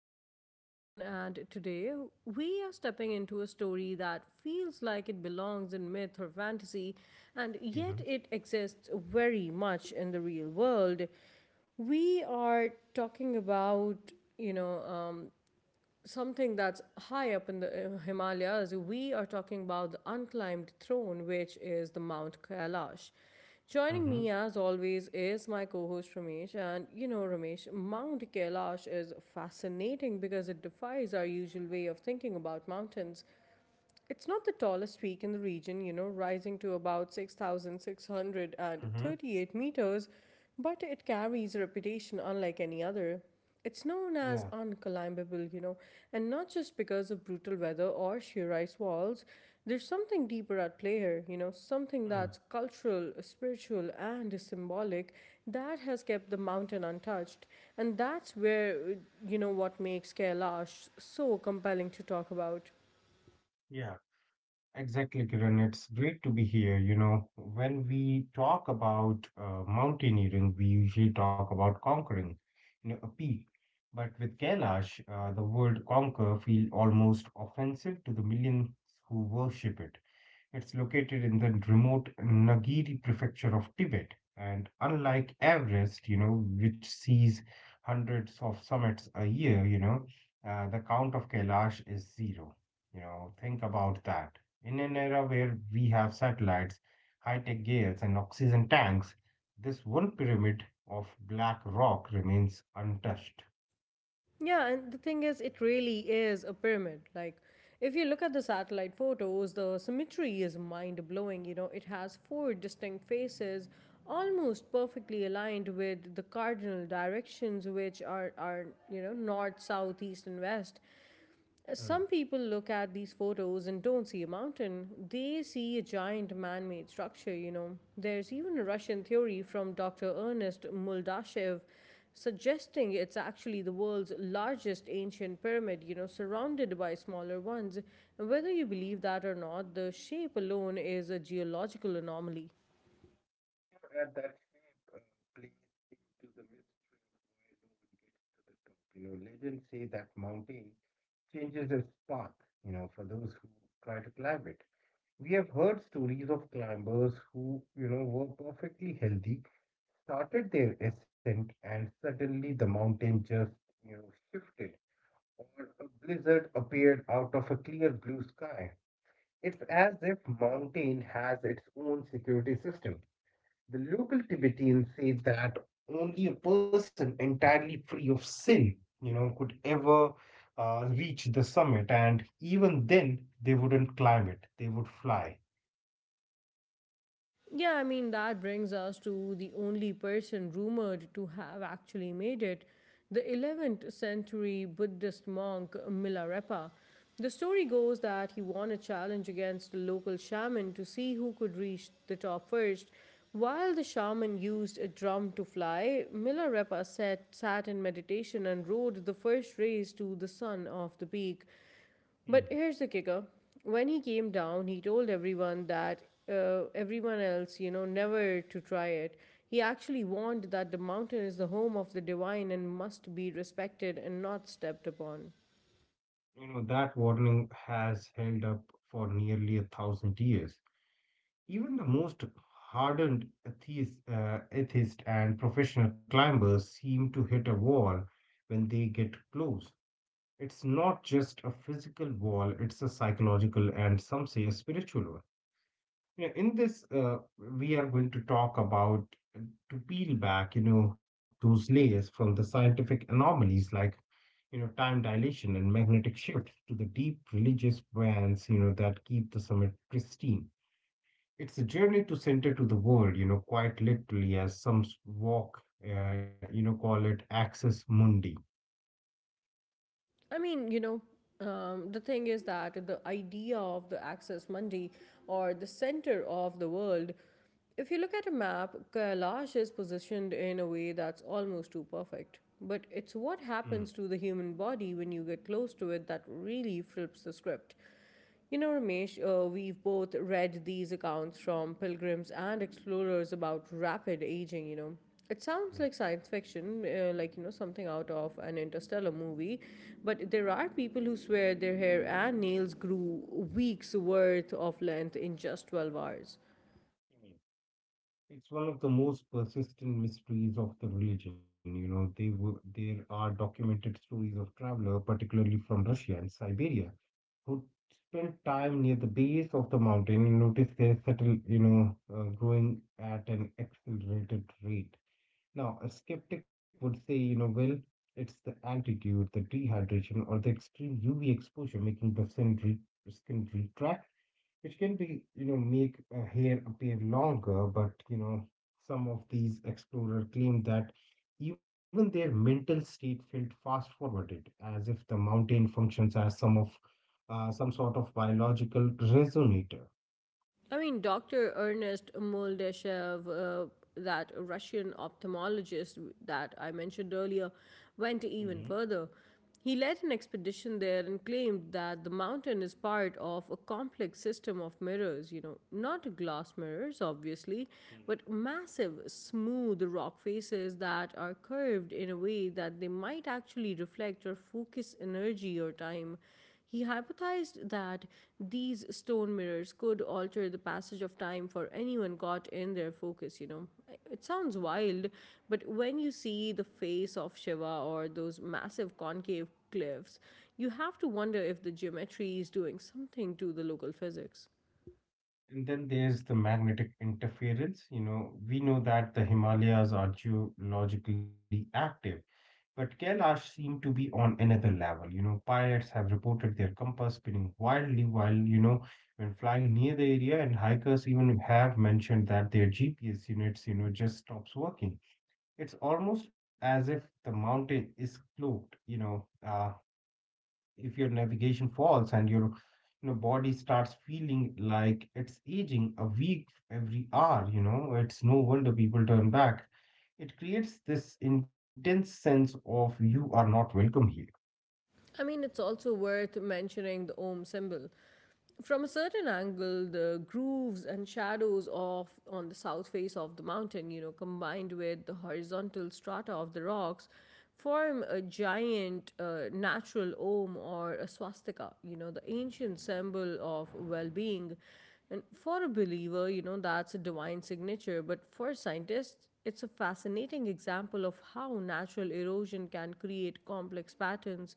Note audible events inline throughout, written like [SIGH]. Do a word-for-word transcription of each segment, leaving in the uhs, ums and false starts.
I'm your host Kiran, and today we are stepping into a story that feels like it belongs in myth or fantasy, and yet Mhm, it exists very much in the real world. We are talking about, you know, um, something that's high up in the uh, Himalayas. We are talking about the unclimbed throne, which is the Mount Kailash. Joining mhm, me as always is my co host Ramesh. And you know, Ramesh, Mount Kailash is fascinating because it defies our usual way of thinking about mountains. It's not the tallest peak in the region, you know, rising to about mhm. six thousand six hundred thirty-eight meters, but it carries a reputation unlike any other. It's known as Yeah. unclimbable, you know, and not just because of brutal weather or sheer ice walls. There's something deeper at play here, you know, something Mm, that's cultural, spiritual, and symbolic that has kept the mountain untouched. And that's where, you know, what makes Kailash so compelling to talk about. yeah, exactly, Kiran. It's great to be here. You know, when we talk about uh, mountaineering, we usually talk about conquering, you know, a peak. But with Kailash, uh, the word conquer feel almost offensive to the millions who worship it. It's located in the remote Nagiri prefecture of Tibet. And unlike Everest, you know, which sees hundreds of summits a year, you know, uh, the count of Kailash is zero. You know, think about that. In an era where we have satellites, high-tech gears, and oxygen tanks, this one pyramid of black rock remains untouched. Yeah, and the thing is, it really is a pyramid. Like, if you look at the satellite photos, the symmetry is mind blowing. You know, it has four distinct faces, almost perfectly aligned with the cardinal directions, which are, are you know, north, south, east, and west. Some people look at these photos and don't see a mountain. They see a giant man made structure, you know. There's even a Russian theory from doctor Ernest Muldashev suggesting it's actually the world's largest ancient pyramid, you know, surrounded by smaller ones. Whether you believe that or not, the shape alone is a geological anomaly. At that shape uh, plays into the mystery of why no one gets to the top. You know, legends say that mountain changes its path, you know, for those who try to climb it. We have heard stories of climbers who, you know, were perfectly healthy, started their ascent, and suddenly the mountain just, you know, shifted, or a blizzard appeared out of a clear blue sky. It's as if mountain has its own security system. The local Tibetans say that only a person entirely free of sin, you know, could ever uh, reach the summit, and even then they wouldn't climb it; they would fly. Yeah, I mean, that brings us to the only person rumored to have actually made it, the eleventh century Buddhist monk Milarepa. The story goes that he won a challenge against the local shaman to see who could reach the top first. While the shaman used a drum to fly, Milarepa sat, sat in meditation and rode the first rays to the sun of the peak. But Mm. here's the kicker. When he came down, he told everyone that uh, everyone else, you know, never to try it. He actually warned that the mountain is the home of the divine and must be respected and not stepped upon. You know, that warning has held up for nearly a thousand years. Even the most hardened atheist, uh, atheist and professional climbers seem to hit a wall when they get close. It's not just a physical wall, it's a psychological and some say a spiritual one. You know, in this, uh, we are going to talk about uh, to peel back, you know, those layers from the scientific anomalies like, you know, time dilation and magnetic shift to the deep religious bands, you know, that keep the summit pristine. It's a journey to center to the world, you know, quite literally, as some s- walk, uh, you know, call it axis mundi. I mean, you know, um, the thing is that the idea of the Axis Mundi, or the center of the world, if you look at a map, Kailash is positioned in a way that's almost too perfect. But it's what Mm. happens to the human body when you get close to it that really flips the script. You know, Ramesh, uh, we've both read these accounts from pilgrims and explorers about rapid aging, you know. It sounds like science fiction, uh, like, you know, something out of an interstellar movie, but there are people who swear their hair and nails grew weeks worth of length in just twelve hours. Mm. It's one of the most persistent mysteries of the religion. You know, they were, there are documented stories of travelers, particularly from Russia and Siberia, who spent time near the base of the mountain and noticed their settle, you know, uh, growing at an accelerated rate. Now, a skeptic would say, you know, well, it's the altitude, the dehydration, or the extreme U V exposure making the skin, re- skin retract which can be, you know, make uh, hair appear longer, but, you know, some of these explorers claim that even their mental state felt fast forwarded, as if the mountain functions as some of uh, some sort of biological resonator. I mean, doctor Ernest Moldeshev, uh, that Russian ophthalmologist that I mentioned earlier, went Hmm. even further. He led an expedition there and claimed that the mountain is part of a complex system of mirrors, you know, not glass mirrors, obviously, Hmm. but massive, smooth rock faces that are curved in a way that they might actually reflect or focus energy or time. He hypothesized that these stone mirrors could alter the passage of time for anyone caught in their focus, you know. It sounds wild, but when you see the face of Shiva or those massive concave cliffs, you have to wonder if the geometry is doing something to the local physics. And then there's the magnetic interference. You know, we know that the Himalayas are geologically active. But Kailash seemed to be on another level. You know, pirates have reported their compass spinning wildly while, you know, when flying near the area, and hikers even have mentioned that their G P S units, you know, just stops working. It's almost as if the mountain is cloaked, you know, uh, if your navigation falls and your, you know, body starts feeling like it's aging a week every hour, you know, it's no wonder people turn back. It creates this intense sense of you are not welcome here. I mean, it's also worth mentioning the Om symbol. From a certain angle, the grooves and shadows of on the south face of the mountain, you know, combined with the horizontal strata of the rocks, form a giant uh, natural om or a swastika. You know, the ancient symbol of well-being. And for a believer, you know, that's a divine signature. But for scientists, it's a fascinating example of how natural erosion can create complex patterns.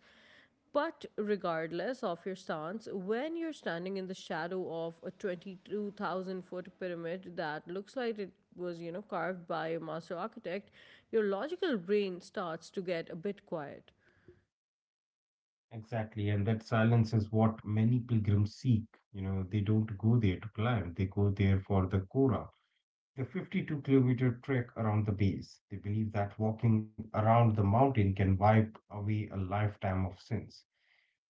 But regardless of your stance, when you're standing in the shadow of a twenty-two thousand foot pyramid that looks like it was, you know, carved by a master architect, your logical brain starts to get a bit quiet. Exactly, and that silence is what many pilgrims seek. You know, they don't go there to climb, they go there for the Kora, the fifty-two kilometer trek around the base. They believe that walking around the mountain can wipe away a lifetime of sins.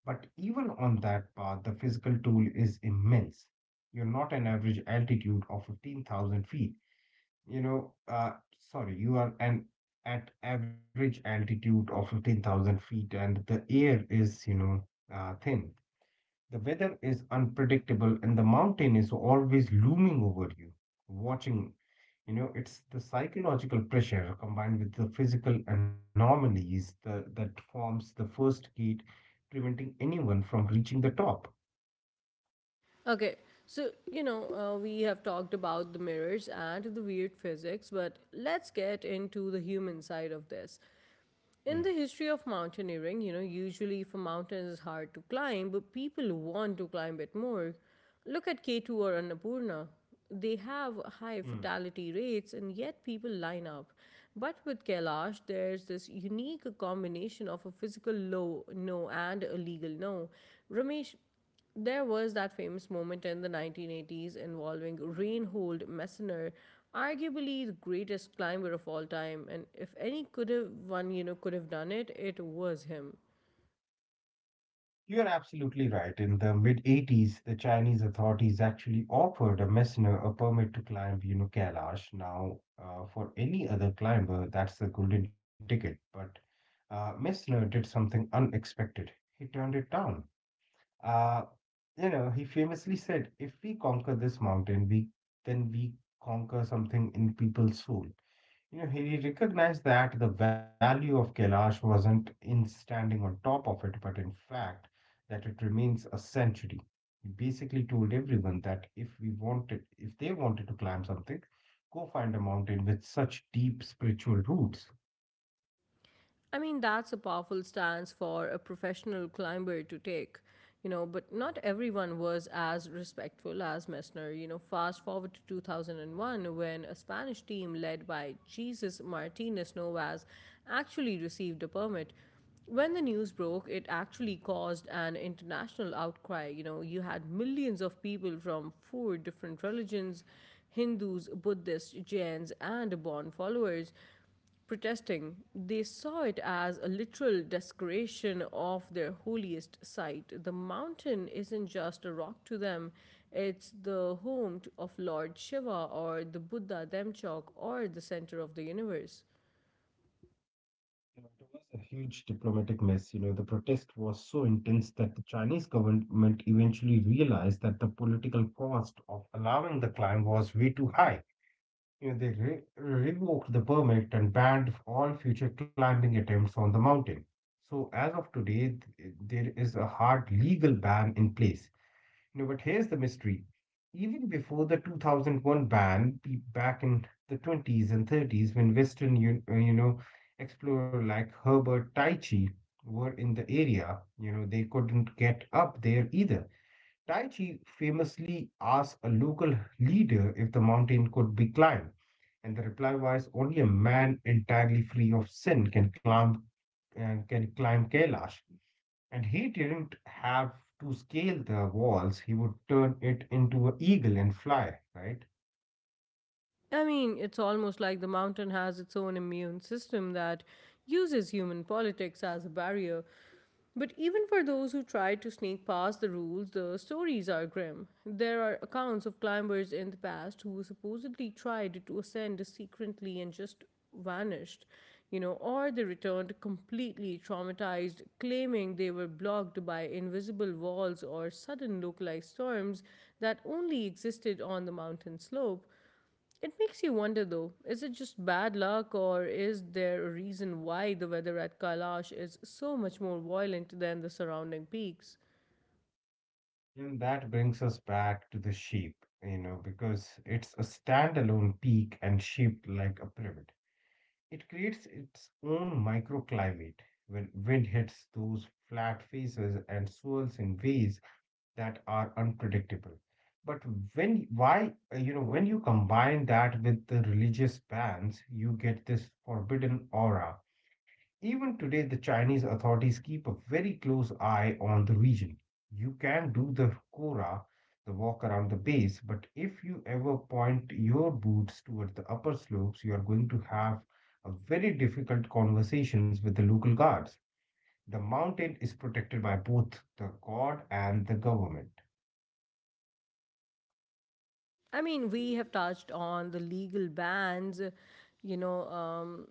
But even on that path, the physical toll is immense. You're not an average altitude of fifteen thousand feet. You know, uh, sorry, you are an at average altitude of fifteen thousand feet and the air is, you know, uh, thin. The weather is unpredictable and the mountain is always looming over you, watching. You know, it's the psychological pressure combined with the physical anomalies that, that forms the first gate, preventing anyone from reaching the top. Okay, so, you know, uh, we have talked about the mirrors and the weird physics, but let's get into the human side of this. In the history of mountaineering, you know, usually if a mountain is hard to climb, but people want to climb it more. Look at K two or Annapurna. They have high Hmm. fatality rates and yet people line up. But with Kailash, there's this unique combination of a physical low no and a legal no. Ramesh, there was that famous moment in the nineteen eighties involving Reinhold Messner, arguably the greatest climber of all time, and if any could have one, you know, could have done it, it was him. You're absolutely right. In the mid eighties, the Chinese authorities actually offered a messenger a permit to climb, you know, Kailash. Now, uh, for any other climber, that's the golden ticket. But uh, Messner did something unexpected. He turned it down. Uh, you know, he famously said, "If we conquer this mountain, we then we conquer something in people's soul." You know, he recognized that the value of Kailash wasn't in standing on top of it, but in fact, that it remains a sanctuary. He basically told everyone that if we wanted, if they wanted to climb something, go find a mountain with such deep spiritual roots. I mean, that's a powerful stance for a professional climber to take, you know, but not everyone was as respectful as Messner. You know, fast forward to two thousand one, when a Spanish team led by Jesus Martinez Novas actually received a permit. When the news broke, it actually caused an international outcry. You know, you had millions of people from four different religions, Hindus, Buddhists, Jains, and Bon followers, protesting. They saw it as a literal desecration of their holiest site. The mountain isn't just a rock to them, it's the home to, of Lord Shiva, or the Buddha Demchok, or the center of the universe. You know, it was a huge diplomatic mess. You know, the protest was so intense that the Chinese government eventually realized that the political cost of allowing the climb was way too high. You know, they re- revoked the permit and banned all future climbing attempts on the mountain. So, as of today, th- there is a hard legal ban in place. You know, but here's the mystery. Even before the two thousand one ban, pe- back in the twenties and thirties, when Western, you, uh, you know, explorer like Herbert Taichi were in the area, you know, they couldn't get up there either. Taichi famously asked a local leader if the mountain could be climbed and the reply was only a man entirely free of sin can climb and can climb Kailash. And he didn't have to scale the walls, he would turn it into an eagle and fly, right? I mean, it's almost like, but even for those who try to sneak past the rules, the stories are grim. There are accounts of climbers in the past who supposedly tried to ascend secretly and just vanished, you know, or they returned completely traumatized, claiming they were blocked by invisible walls or sudden localized storms that only existed on the mountain slope. It makes you wonder though, is it just bad luck, or is there a reason why the weather at Kailash is so much more violent than the surrounding peaks? And that brings us back to the sheep, you know, because it's a standalone peak and shaped like a pyramid. It creates its own microclimate when wind hits those flat faces and swirls in ways that are unpredictable. But when why uh, you know when you combine that with the religious bans, you get this forbidden aura. Even today, the Chinese authorities keep a very close eye on the region. You can do the kora, the walk around the base, but if you ever point your boots toward the upper slopes, you are going to have a very difficult conversations with the local guards. The mountain is protected by both the god and the government. I mean, we have touched on the legal bans, you know, um,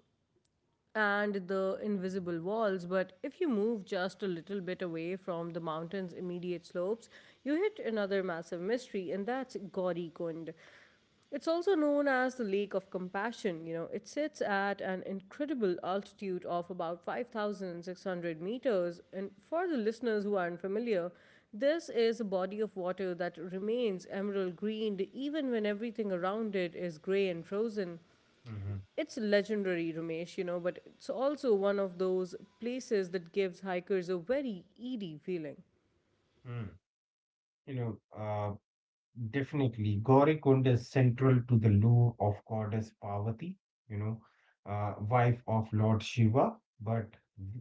and the invisible walls, but if you move just a little bit away from the mountain's immediate slopes, you hit another massive mystery, and that's Gauri Kund. It's also known as the Lake of Compassion. You know, it sits at an incredible altitude of about five thousand six hundred meters. And for the listeners who aren't familiar, this is a body of water that remains emerald green even when everything around it is gray and frozen. Hmm. It's legendary, Ramesh, you know, but it's also one of those places that gives hikers a very eerie feeling. You know, uh, definitely, Gauri Kund is central to the lore of goddess Parvati, you know, uh, wife of Lord Shiva, but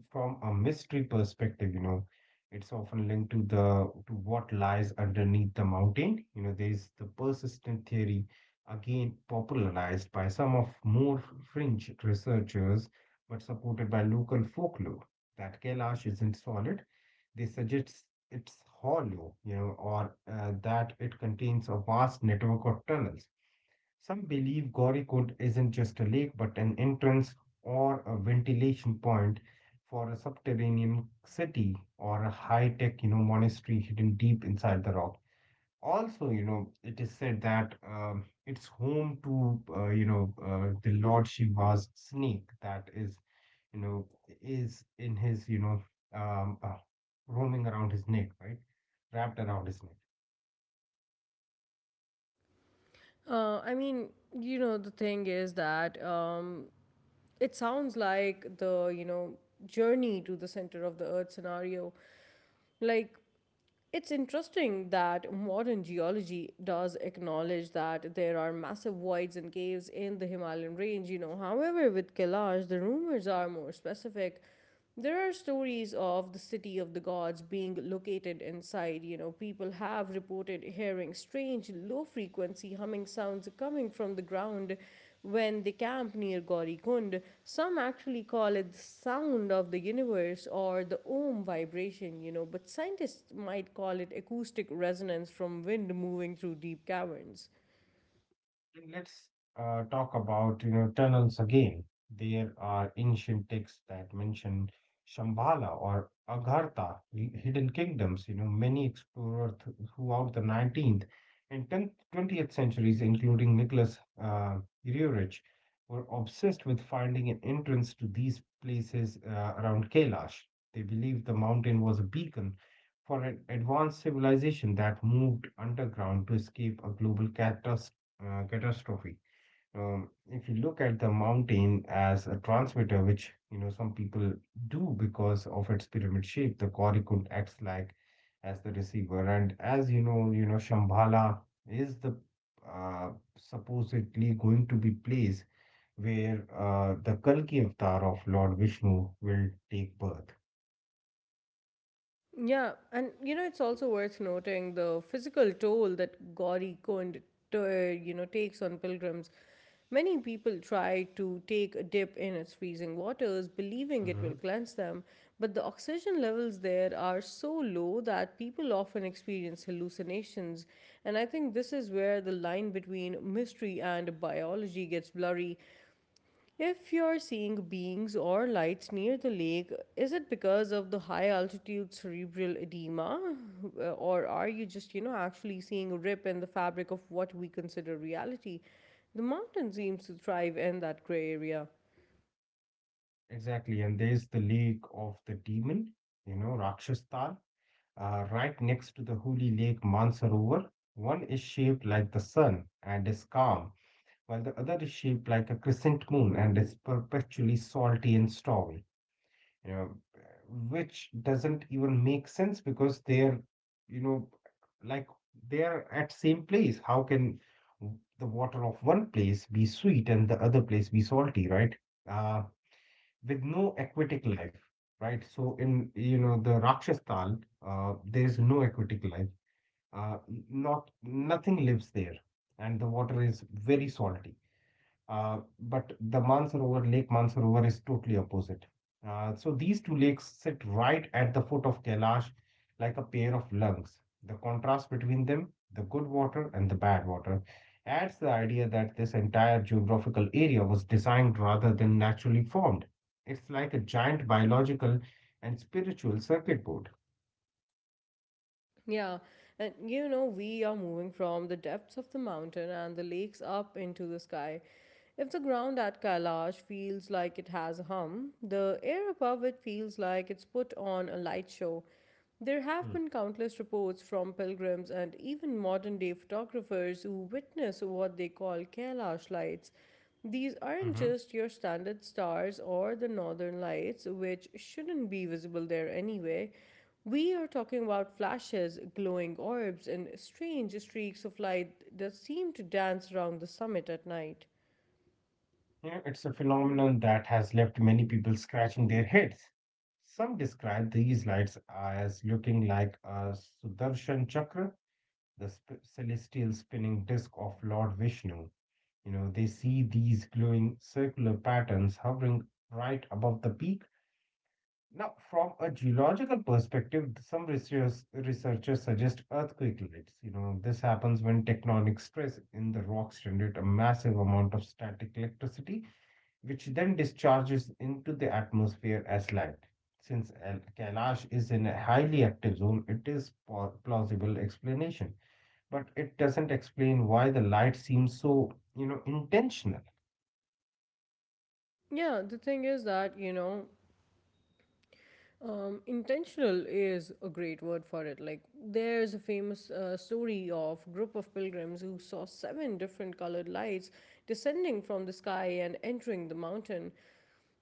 from a mystery perspective, you know, it's often linked to the to what lies underneath the mountain. You know, there is the persistent theory, again popularized by some of more fringe researchers, but supported by local folklore, that Kailash isn't solid. They suggest it's hollow, you know, or uh, that it contains a vast network of tunnels. Some believe Gaurikund isn't just a lake, but an entrance or a ventilation point for a subterranean city or a high-tech, you know, monastery hidden deep inside the rock. Also, you know, it is said that um, it's home to, uh, you know, uh, the Lord Shiva's snake that is you know, is in his, you know, um, uh, roaming around his neck, right? Wrapped around his neck. Uh, I mean, you know, the thing is that um, it sounds like the, you know, journey to the center of the earth scenario. Like, it's interesting that modern geology does acknowledge that there are massive voids and caves in the Himalayan range, you know. However, with Kailash, the rumors are more specific. There are stories of the city of the gods being located inside, you know. People have reported hearing strange, low frequency humming sounds coming from the ground when they camp near Gaurikund. Some actually call it the sound of the universe or the Om vibration, you know, but scientists might call it acoustic resonance from wind moving through deep caverns. And Let's uh, talk about you know tunnels again. There are ancient texts that mention Shambhala or Aghartha, hi- hidden kingdoms. You know, many explorers th- throughout the nineteenth and tenth, twentieth centuries, including Nicholas uh, Roerich, were obsessed with finding an entrance to these places uh, around Kailash. They believed the mountain was a beacon for an advanced civilization that moved underground to escape a global catastrophe uh, catastrophe. Um, if you look at the mountain as a transmitter, which you know some people do because of its pyramid shape, the Korikund acts like as the receiver, and as you know, you know Shambhala is the uh, supposedly going to be place where uh, the Kalki avatar of Lord Vishnu will take birth. Yeah, and you know, it's also worth noting the physical toll that Gauri Kund, t- you know, takes on pilgrims. Many people try to take a dip in its freezing waters, believing it will Mhm. cleanse them, but the oxygen levels there are so low that people often experience hallucinations. And I think this is where the line between mystery and biology gets blurry. If you're seeing beings or lights near the lake, is it because of the high altitude cerebral edema? Uh, Or are you just, you know, actually seeing a rip in the fabric of what we consider reality? The mountain seems to thrive in that gray area. Exactly, and there's the lake of the demon, you know, Rakshastal. Uh, right next to the holy lake Mansarovar, one is shaped like the sun and is calm, while the other is shaped like a crescent moon and is perpetually salty and stormy. You know, which doesn't even make sense because they're, you know, like they're at same place. How can the water of one place be sweet and the other place be salty, right? Uh, with no aquatic life, right? So in you know the Rakshas Tal, uh, there is no aquatic life. Uh, n- not nothing lives there, and the water is very salty. Uh, but the Mansarovar Lake Mansarovar is totally opposite. Uh, so these two lakes sit right at the foot of Kailash like a pair of lungs. The contrast between them, the good water and the bad water, adds the idea that this entire geographical area was designed rather than naturally formed. It's like a giant biological and spiritual circuit board. Yeah, and you know, we are moving from the depths of the mountain and the lakes up into the sky. If the ground at Kailash feels like it has a hum, the air above it feels like it's put on a light show. There have been countless reports from pilgrims and even modern day photographers who witness what they call Kailash lights. These aren't Mm. just your standard stars or the northern lights, which shouldn't be visible there anyway. We are talking about flashes, glowing orbs, and strange streaks of light that seem to dance around the summit at night. You know, it's a phenomenon that has left many people scratching their heads. Some describe these lights as looking like a Sudarshan Chakra, the sp- celestial spinning disk of Lord Vishnu. You know, they see these glowing circular patterns hovering right above the peak. Now, from a geological perspective, some researchers, researchers suggest earthquake lights. You know, this happens when tectonic stress in the rocks generate a massive amount of static electricity which then discharges into the atmosphere as light. Since Al- Kailash is in a highly active zone, it is po- plausible explanation, but it doesn't explain why the light seems so, you know, intentional. Yeah, the thing is that, you know, um, intentional is a great word for it. Like, there's a famous uh, story of group of pilgrims who saw seven different colored lights descending from the sky and entering the mountain.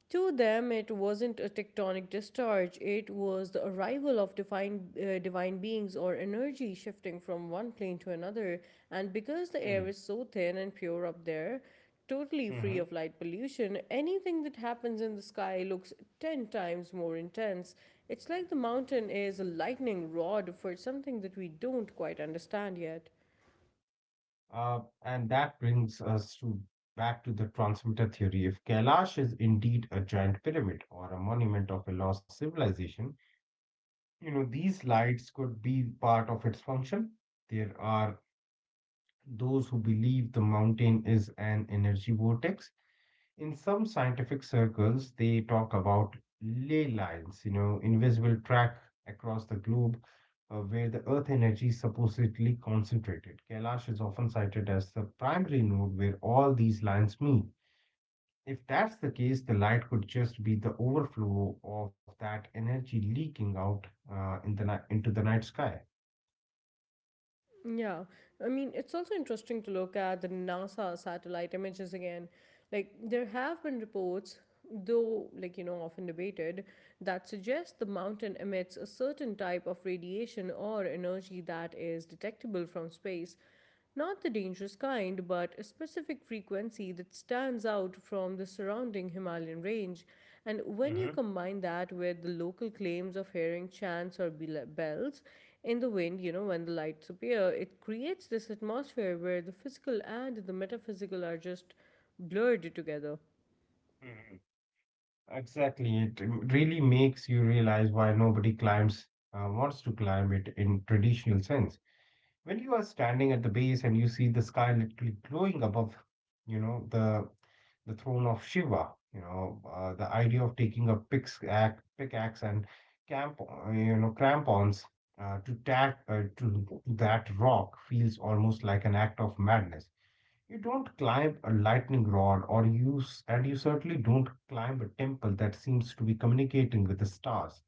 To them, it wasn't a tectonic discharge, it was the arrival of divine, uh, divine beings or energy shifting from one plane to another. And because the Hmm. air is so thin and pure up there, totally free hmm of light pollution, anything that happens in the sky looks ten times more intense. It's like the mountain is a lightning rod for something that we don't quite understand yet. Uh, and that brings us to back to the transmitter theory. If Kailash is indeed a giant pyramid or a monument of a lost civilization, you know, these lights could be part of its function. There are Those who believe the mountain is an energy vortex. In some scientific circles, they talk about ley lines, you know, invisible track across the globe uh, where the earth energy is supposedly concentrated. Kailash is often cited as the primary node where all these lines meet. If that's the case, the light could just be the overflow of that energy leaking out uh, in the ni- into the night sky. Yeah, I mean, it's also interesting to look at the NASA satellite images again. Like, there have been reports, though, like, you know, often debated, that suggest the mountain emits a certain type of radiation or energy that is detectable from space. Not the dangerous kind, but a specific frequency that stands out from the surrounding Himalayan range. And when you Mm-hmm. combine that with the local claims of hearing chants or bells in the wind, you know, when the lights appear, it creates this atmosphere where the physical and the metaphysical are just blurred together. Exactly. It really makes you realize why nobody climbs, uh, wants to climb it in traditional sense. When you are standing at the base and you see the sky literally glowing above, you know, the the throne of Shiva, you know, uh, the idea of taking a pickaxe, pickaxe and camp, uh, you know, crampons uh, to tack uh, to that rock feels almost like an act of madness. You don't climb a lightning rod or use, and you certainly don't climb a temple that seems to be communicating with the stars.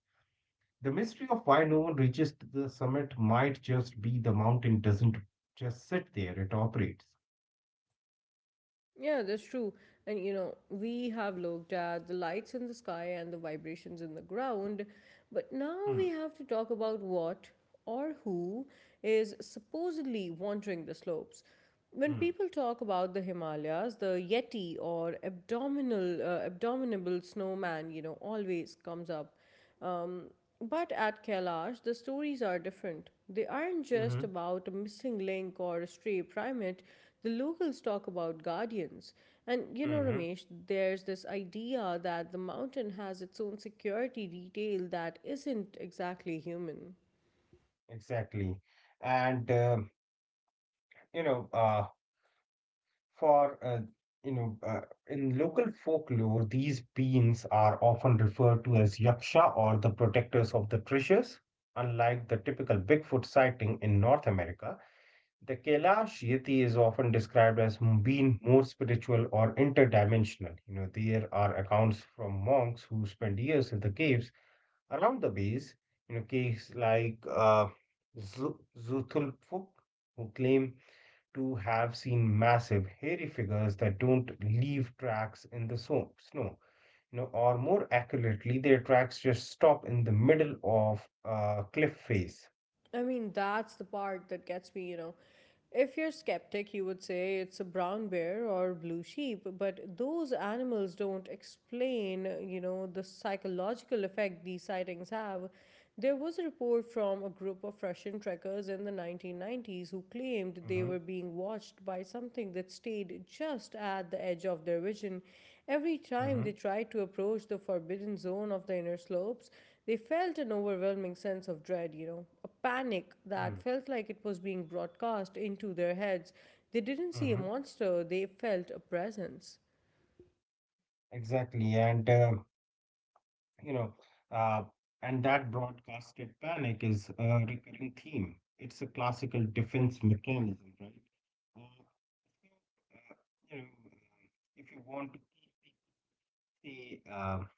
The mystery of why no one reaches to the summit might just be the mountain doesn't just sit there, it operates. Yeah, that's true. And you know, we have looked at the lights in the sky and the vibrations in the ground, but now Hmm, we have to talk about what or who is supposedly wandering the slopes. When hmm, people talk about the Himalayas, the Yeti or abdominal uh, abdominable snowman, you know, always comes up. Um, but at Kailash, the stories are different. They aren't mm-hmm, just about a missing link or a stray primate. The locals talk about guardians. And you know, hmm Ramesh, there's this idea that the mountain has its own security detail that isn't exactly human. exactly. And, um you know, uh, For, uh, you know, uh, in local folklore, these beings are often referred to as yaksha or the protectors of the treasures. Unlike the typical Bigfoot sighting in North America, the Kailash Yeti is often described as m- being more spiritual or interdimensional. You know, there are accounts from monks who spend years in the caves around the base, you know, caves like uh, Zu- Zutulfuk, who claim to have seen massive, hairy figures that don't leave tracks in the so- snow. You know, or more accurately, their tracks just stop in the middle of a cliff face. I mean, that's the part that gets me, you know. If you're skeptic, you would say it's a brown bear or blue sheep, but those animals don't explain, you know, the psychological effect these sightings have. There was a report from a group of Russian trekkers in the nineteen nineties who claimed they Mm-hmm, were being watched by something that stayed just at the edge of their vision. Every time mm-hmm, they tried to approach the forbidden zone of the inner slopes, they felt an overwhelming sense of dread, you know, a panic mm-hmm, that felt like it was being broadcast into their heads. They didn't see a mm-hmm. monster, they felt a presence. Exactly, and uh, you know, uh, and that broadcasted panic is a recurring theme. It's a classical defense mechanism, right? Uh, so, uh, you know, if you want to they um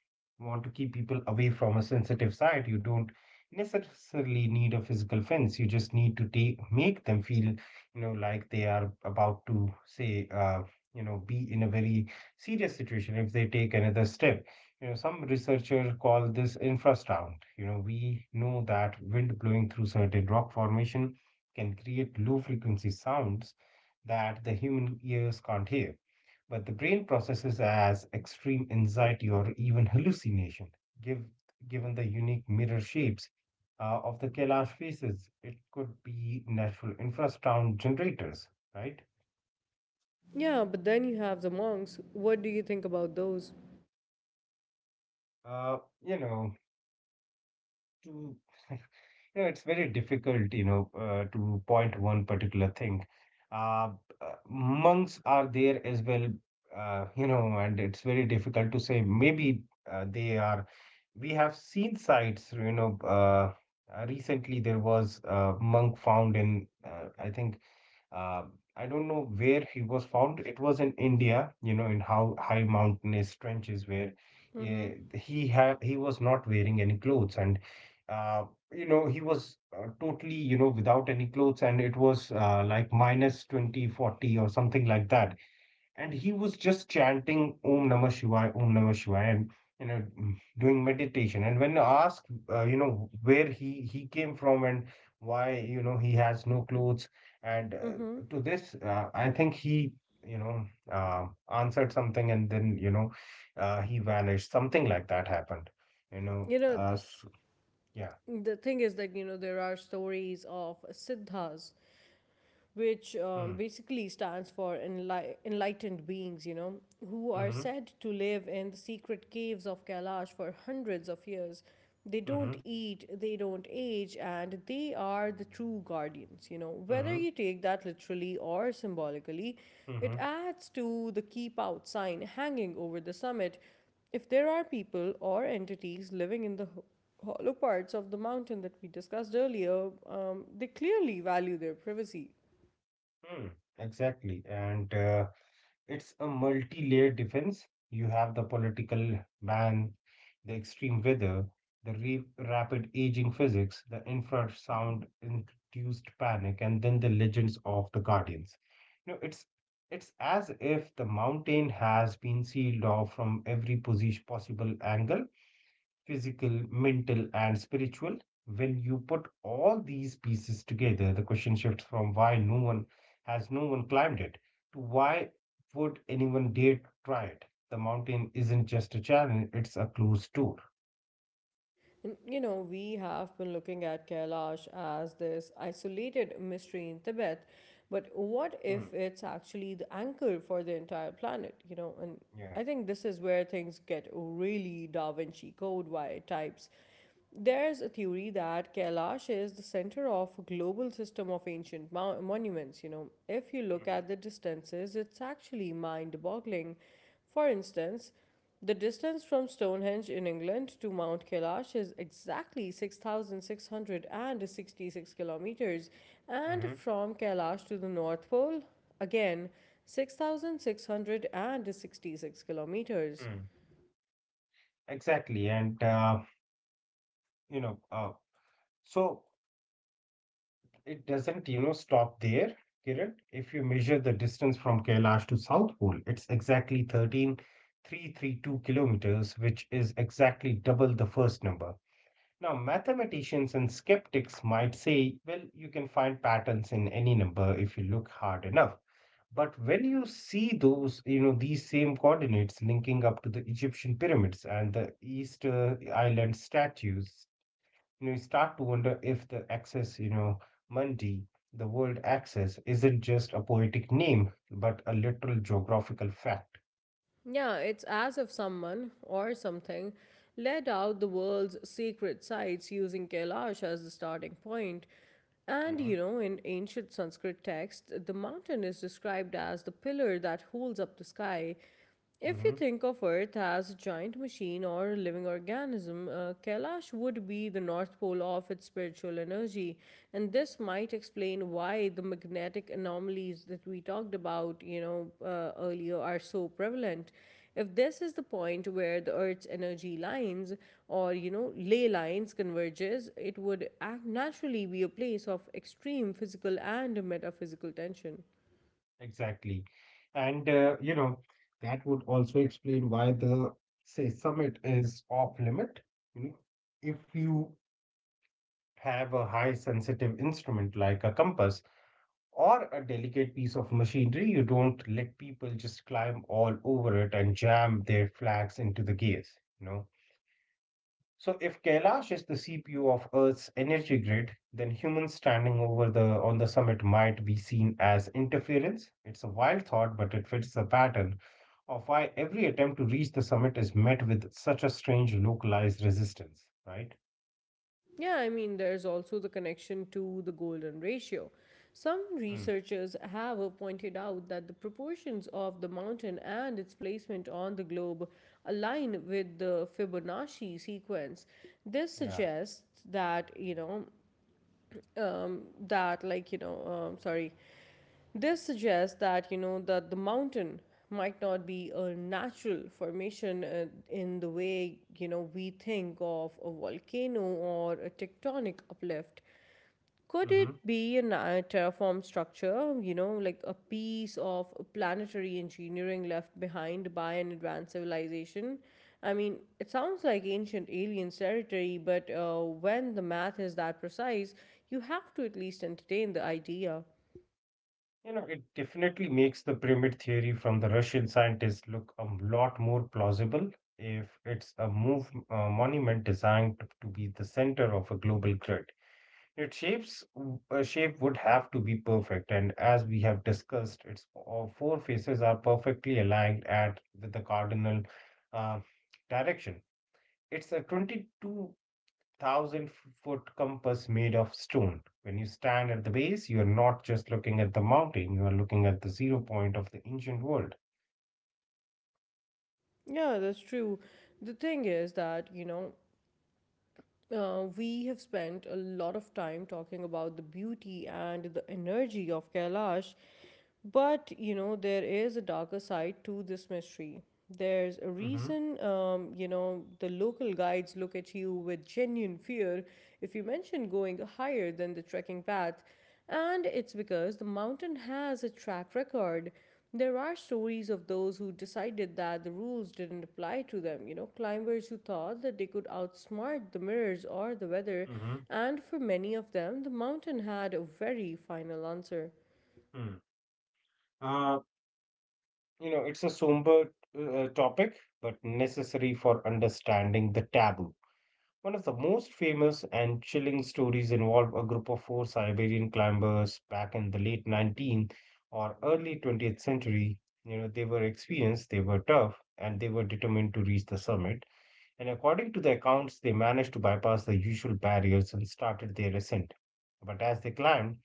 want to keep people away from a sensitive side. You don't necessarily need a physical fence. You just need to take make them feel, you know, like they are about to say, uh, you know, be in a very serious situation if they take another step. You know, some researchers call this infrasound. You know, we know that wind blowing through certain rock formation can create low frequency sounds that the human ears can't hear, but the brain processes as extreme anxiety or even hallucination, give, given the unique mirror shapes uh, of the Kailash faces. It could be natural infrasound generators, right? Yeah, but then you have the monks. What do you think about those? Uh, you know, to [LAUGHS] Yeah, it's very difficult, you know, uh, to point one particular thing. Uh, uh, Monks are there as well, uh, you know, and it's very difficult to say. Maybe uh, they are. We have seen sites, you know. Uh, uh, recently, there was a monk found in, uh, I think, uh, I don't know where he was found. It was in India, you know, in how high mountainous trenches where, yeah, he had he was not wearing any clothes, and uh, you know he was uh, totally you know without any clothes, and it was uh, like minus minus twenty forty or something like that, and he was just chanting Om Namah Shivaya, Om Namah Shivaya, and you know, mm, doing meditation. And when asked, uh, you know, where he he came from and why you know he has no clothes, and uh, Mm-hmm. to this, uh, I think he you know uh, answered something, and then you know, uh, he vanished. Something like that happened. You know, You know, uh, s yeah. the thing is that, you know, there are stories of Siddhas which um, Mm, basically stands for enli- enlightened beings, you know, who are mm-hmm, said to live in the secret caves of Kailash for hundreds of years. They don't mm-hmm, eat, they don't age, and they are the true guardians, you know. Whether mm-hmm, you take that literally or symbolically, it mm-hmm, adds to the keep out sign hanging over the summit. If there are people or entities living in the ho- hollow parts of the mountain that we discussed earlier, um, they clearly value their privacy. mm, exactly, and. Uh, It's a multi-layered defense. You have the political ban, the extreme weather, the re- rapid aging physics, the infrasound induced panic, and then the legends of the guardians. You know, it's it's as if the mountain has been sealed off from every position, possible angle, physical, mental, and spiritual. When you put all these pieces together, the question shifts from why no one has no one climbed it to why would anyone dare to try it? The mountain isn't just a challenge, it's a closed door. And, you know, we have been looking at Kailash as this isolated mystery in Tibet, but what Mm, if it's actually the anchor for the entire planet, you know? And yeah. I think this is where things get really Da Vinci Code why types there's a theory that Kailash is the center of a global system of ancient mo- monuments. You know, if you look at the distances, it's actually mind-boggling. For instance, the distance from Stonehenge in England to Mount Kailash is exactly six thousand six hundred sixty-six kilometers, Mm-hmm. and Mm-hmm. from Kailash to the North Pole, again six thousand six hundred sixty-six kilometers. Mm. Exactly. And, uh, you know, uh, so It doesn't, you know, stop there, Kiran. If you measure the distance from Kailash to South Pole, it's exactly thirteen thousand three hundred thirty-two kilometers, which is exactly double the first number. Now, mathematicians and skeptics might say, well, you can find patterns in any number if you look hard enough. But when you see those, you know, these same coordinates linking up to the Egyptian pyramids and the Easter Island statues, you know, you start to wonder if the access, you know, Mundi, the world access, isn't just a poetic name, but a literal geographical fact. Yeah, it's as if someone or something led out the world's secret sites using Kailash as the starting point. And Hmm. you know, in ancient Sanskrit texts, the mountain is described as the pillar that holds up the sky. If you Hmm. think of Earth as a giant machine or a living organism, uh, Kailash would be the north pole of its spiritual energy. And this might explain why the magnetic anomalies that we talked about, you know, uh, earlier are so prevalent. If this is the point where the Earth's energy lines or, you know, ley lines converges, it would naturally be a place of extreme physical and metaphysical tension. Exactly. And, uh, you know, that would also explain why the, say, summit is off limit. You know, if you have a high sensitive instrument like a compass or a delicate piece of machinery, you don't let people just climb all over it and jam their flags into the gears, you know. So if Kailash is the C P U of Earth's energy grid, then humans standing over the on the summit might be seen as interference. It's a wild thought, but it fits the pattern of why every attempt to reach the summit is met with such a strange localized resistance, right? Yeah, I mean, there's also the connection to the golden ratio. Some Hmm. researchers have pointed out that the proportions of the mountain and its placement on the globe align with the Fibonacci sequence. This Yeah. suggests that, you know, um, that, like, you know, um, sorry, this suggests that you know that the mountain might not be a natural formation uh, in the way you know we think of a volcano or a tectonic uplift. Could hmm it be a na- terraformed structure, you know, like a piece of planetary engineering left behind by an advanced civilization? I mean, it sounds like ancient aliens territory, but uh, when the math is that precise, you have to at least entertain the idea. You know, it definitely makes the pyramid theory from the Russian scientists look a lot more plausible if it's a move, a monument designed to be the center of a global grid. Its shapes a shape would have to be perfect, and as we have discussed, its all four faces are perfectly aligned at with the cardinal uh, direction. It's a twenty-two thousand foot compass made of stone. When you stand at the base, you are not just looking at the mountain; you are looking at the zero point of the ancient world. Yeah, that's true. The thing is that, you know, uh, we have spent a lot of time talking about the beauty and the energy of Kailash, but, you know, there is a darker side to this mystery. There's a Mm-hmm, reason, um, you know, the local guides look at you with genuine fear if you mention going higher than the trekking path, and it's because the mountain has a track record there are stories of those who decided that the rules didn't apply to them, you know, climbers who thought that they could outsmart the mirrors or the weather, mm-hmm, and for many of them, the mountain had a very final answer. mm. Uh, you know, it's a somber uh, topic, but necessary for understanding the taboo. One of the most famous and chilling stories involved a group of four Siberian climbers back in the late nineteenth or early twentieth century. You know, they were experienced, they were tough, and they were determined to reach the summit. And according to the accounts, they managed to bypass the usual barriers and started their ascent. But as they climbed,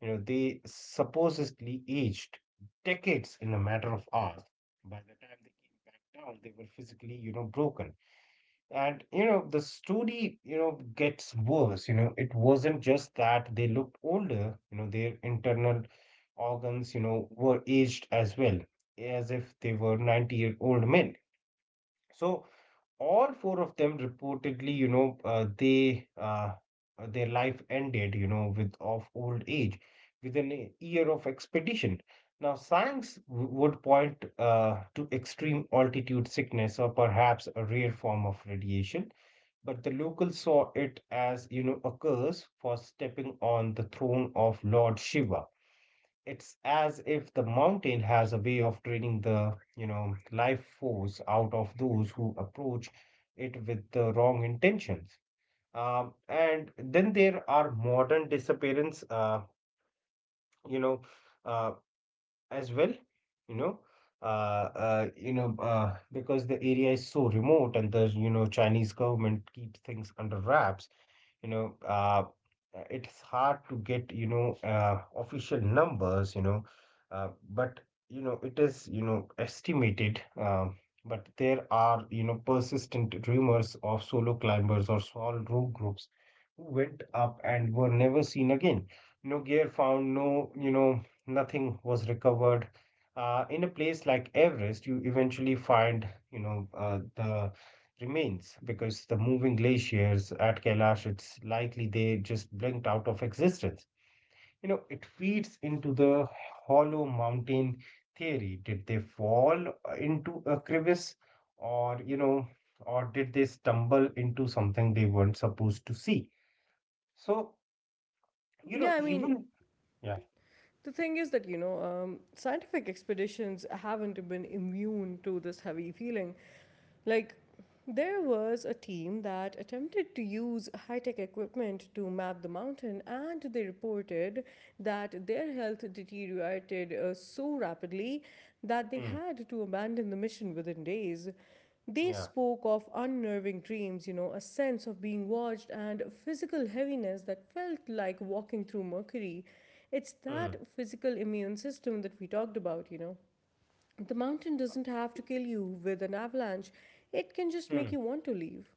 you know, they supposedly aged decades in a matter of hours. By the time they came back down, they were physically, you know, broken. And, you know, the story, you know, gets worse. You know, it wasn't just that they looked older, you know, their internal organs, you know, were aged as well, as if they were ninety year old men. So, all four of them reportedly, you know, uh, they uh, uh, their life ended, you know, with of old age, within a year of expedition. Now, science w- would point uh, to extreme altitude sickness or perhaps a rare form of radiation, but the locals saw it as, you know, a curse for stepping on the throne of Lord Shiva. It's as if the mountain has a way of draining the, you know, life force out of those who approach it with the wrong intentions. Um, and then there are modern disappearance, uh, you know, uh, as well you know uh, uh you know uh, because the area is so remote, and the you know Chinese government keeps things under wraps you know uh it's hard to get you know uh, official numbers you know uh, but you know it is you know estimated um, but there are you know persistent rumors of solo climbers or small rogue groups who went up and were never seen again, no gear found, no you know nothing was recovered. Uh, in a place like Everest, you eventually find, you know, uh, the remains, because the moving glaciers at Kailash, it's likely they just blinked out of existence. You know, it feeds into the hollow mountain theory. Did they fall into a crevice or, you know, or did they stumble into something they weren't supposed to see? So, you Yeah, know, I mean, even, yeah, the thing is that, you know, um, scientific expeditions haven't been immune to this heavy feeling. Like, there was a team that attempted to use high tech equipment to map the mountain, and they reported that their health deteriorated uh, so rapidly that they mm, had to abandon the mission within days. They yeah, spoke of unnerving dreams, you know, a sense of being watched, and physical heaviness that felt like walking through mercury. It's that mm, physical immune system that we talked about, you know. The mountain doesn't have to kill you with an avalanche, it can just make mm. you want to leave.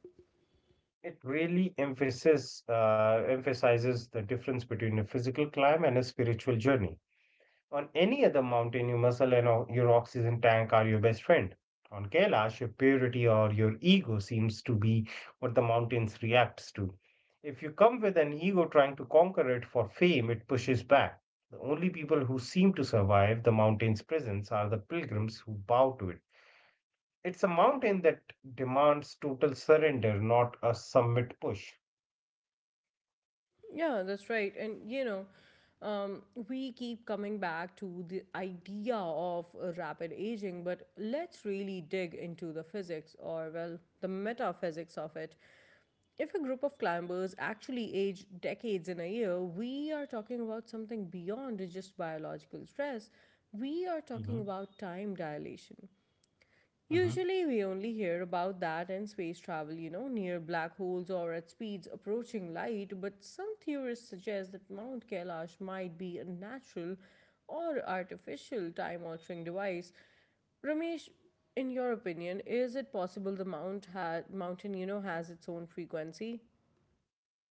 It really emphasis, uh, emphasizes the difference between a physical climb and a spiritual journey. On any other mountain, your muscle and o- your oxygen tank are your best friend. On Kailash, your purity or your ego seems to be what the mountains reacts to. If you come with an ego trying to conquer it for fame, it pushes back. The only people who seem to survive the mountain's presence are the pilgrims who bow to it. It's a mountain that demands total surrender, not a summit push. Yeah, that's right. And, you know, um, we keep coming back to the idea of uh, rapid aging, but let's really dig into the physics or, well, the metaphysics of it. If a group of climbers actually age decades in a year, we are talking about something beyond just biological stress. We are Mm-hmm. talking about time dilation. Mm-hmm. Usually, we only hear about that in space travel, you know, near black holes or at speeds approaching light, but some theorists suggest that Mount Kailash might be a natural or artificial time altering device. Ramesh, in your opinion, is it possible the mount ha- mountain, you know, has its own frequency?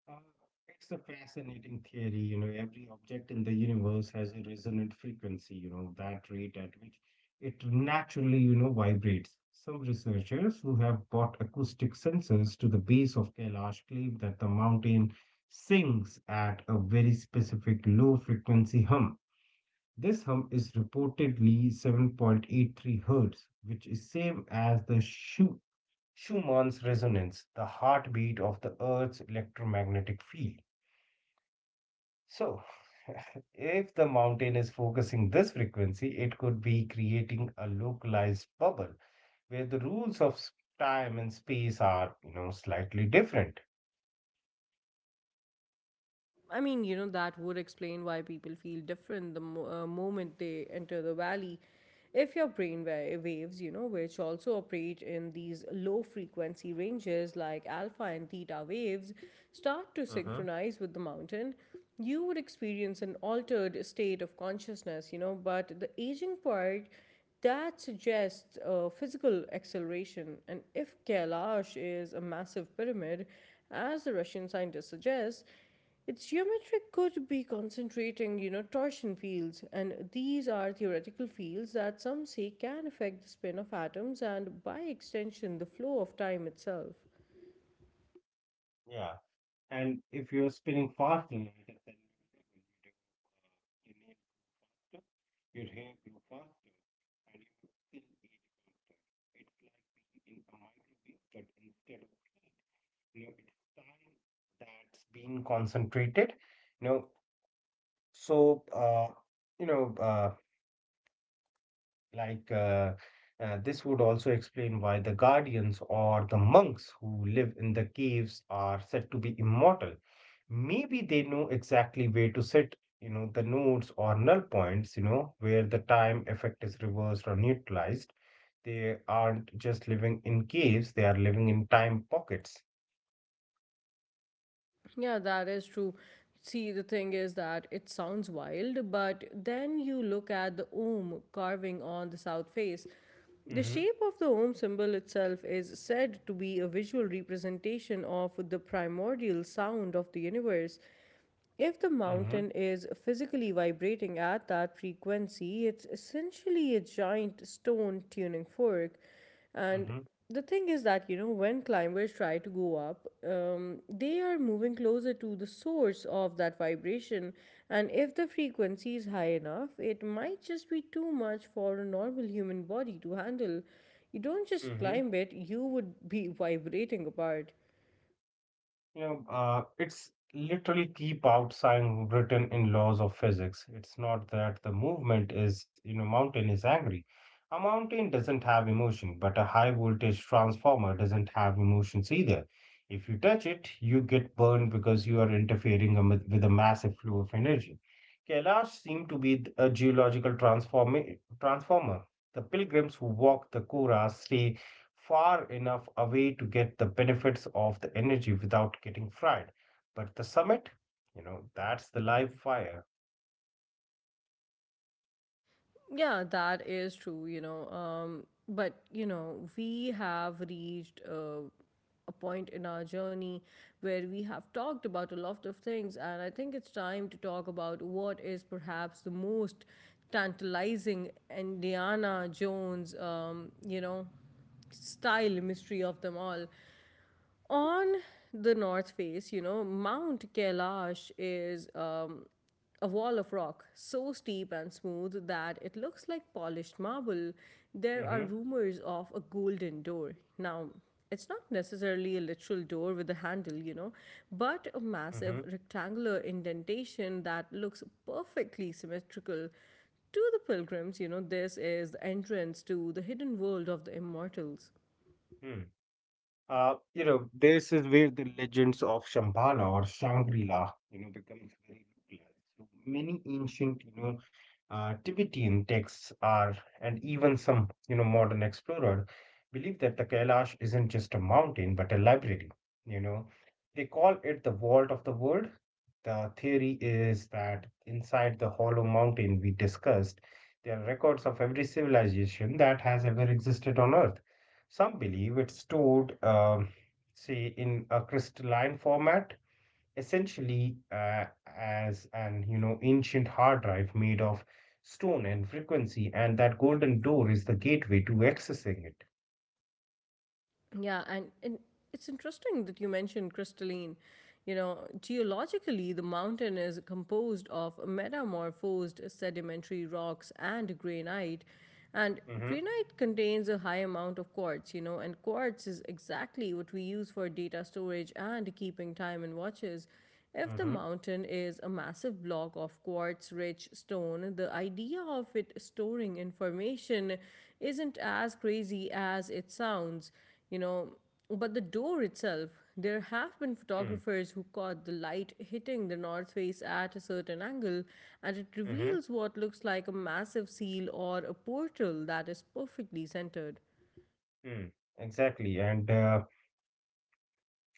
Uh, it's a fascinating theory. You know, every object in the universe has a resonant frequency, you know, that rate at which it naturally, you know, vibrates. Some researchers who have brought acoustic sensors to the base of Kailash claim that the mountain sings at a very specific low frequency hum. This hum is reportedly seven point eight three hertz, which is same as the Schumann's resonance, the heartbeat of the Earth's electromagnetic field. So, [LAUGHS] if the mountain is focusing this frequency, it could be creating a localized bubble where the rules of time and space are, you know, slightly different. I mean, you know, that would explain why people feel different the mo- uh, moment they enter the valley. If your brain wa- waves, you know, which also operate in these low frequency ranges like alpha and theta waves, start to Mm-hmm. synchronize with the mountain, you would experience an altered state of consciousness, you know. But the aging part that suggests uh, physical acceleration. And if Kailash is a massive pyramid, as the Russian scientists suggest, its geometry could be concentrating, you know, torsion fields, and these are theoretical fields that some say can affect the spin of atoms and, by extension, the flow of time itself. Yeah. And if you're spinning faster, in it, then you do, uh, your nails grow faster, your hair grow faster, and you will still age faster. It's like being in a microwave, but instead of heat, you know, it's time that's being concentrated. You know, so uh, you know, uh, like, uh, uh, this would also explain why the guardians or the monks who live in the caves are said to be immortal. Maybe they know exactly where to set, you know, the nodes or null points, you know, where the time effect is reversed or neutralized. They aren't just living in caves, they are living in time pockets. Yeah, that is true. See, the thing is that it sounds wild, but then you look at the ohm carving on the south face. The Mm-hmm, shape of the Om symbol itself is said to be a visual representation of the primordial sound of the universe. If the mm-hmm, mountain is physically vibrating at that frequency, it's essentially a giant stone tuning fork. And the thing is that, you know, when climbers try to go up, um, they are moving closer to the source of that vibration. And if the frequency is high enough, it might just be too much for a normal human body to handle. You don't just mm-hmm. climb it, you would be [LAUGHS] vibrating apart. You know, uh, it's literally keep outside written in laws of physics. It's not that the movement is, you know, mountain is angry. A mountain doesn't have emotion, but a high voltage transformer doesn't have emotions either. If you touch it, you get burned because you are interfering am- with a massive flow of energy. Kailash seemed to be th- a geological transform transformer. The pilgrims who walk the Kora stay far enough away to get the benefits of the energy without getting fried. But the summit, you know, that's the live fire. Yeah, that is true, you know. Um, but, you know, we have reached uh, a point in our journey where we have talked about a lot of things, and I think it's time to talk about what is perhaps the most tantalizing Indiana Jones, um, you know, style mystery of them all on the north face, you know, Mount Kailash is um, a wall of rock so steep and smooth that it looks like polished marble. There are Hmm. rumors of a golden door. Now, it's not necessarily a literal door with a handle, you know, but a Hmm. massive rectangular indentation that looks perfectly symmetrical. To the pilgrims, you know, this is the entrance to the hidden world of the immortals. Hmm. Uh, you know, this is where the legends of Shambhala or Shangri-La, you know, becomes very localized. So many ancient, you know, uh, Tibetan texts are, and even some, you know, modern explorer believe that the Kailash isn't just a mountain but a library. You know, they call it the vault of the world. The theory is that inside the hollow mountain we discussed, there are records of every civilization that has ever existed on Earth. Some believe it's stored, um, say, in a crystalline format, essentially uh, as an you know ancient hard drive made of stone and frequency, and that golden door is the gateway to accessing it. Yeah, and, and it's interesting that you mentioned crystalline. You know, geologically, the mountain is composed of metamorphosed sedimentary rocks and granite. And Mm-hmm, granite contains a high amount of quartz, you know, and quartz is exactly what we use for data storage and keeping time in watches. If the mm-hmm, mountain is a massive block of quartz rich stone, the idea of it storing information isn't as crazy as it sounds, you know. But the door itself, there have been photographers who caught the light hitting the north face at a certain angle, and it mm-hmm, reveals what looks like a massive seal or a portal that is perfectly centered. mm. Exactly, and uh,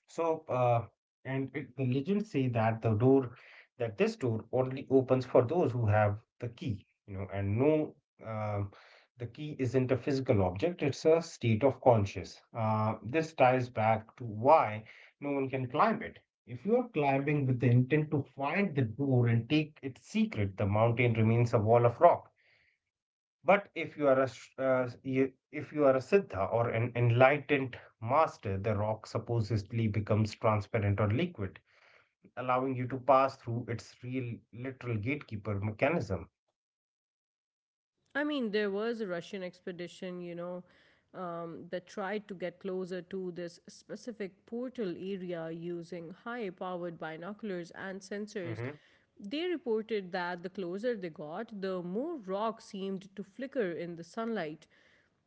so, uh, and it, the legends say that the door, that this door only opens for those who have the key, you know, and no, um, the key isn't a physical object, it's a state of conscious. Uh, this ties back to why no one can climb it. If you are climbing with the intent to find the door and take its secret, the mountain remains a wall of rock. But if you are a sh- uh, you- if you are a siddha or an enlightened master, the rock supposedly becomes transparent or liquid, allowing you to pass through its real literal gatekeeper mechanism. I mean, there was a Russian expedition, you know, um, that tried to get closer to this specific portal area using high powered binoculars and sensors. Mm-hmm. They reported that the closer they got, the more rock seemed to flicker in the sunlight.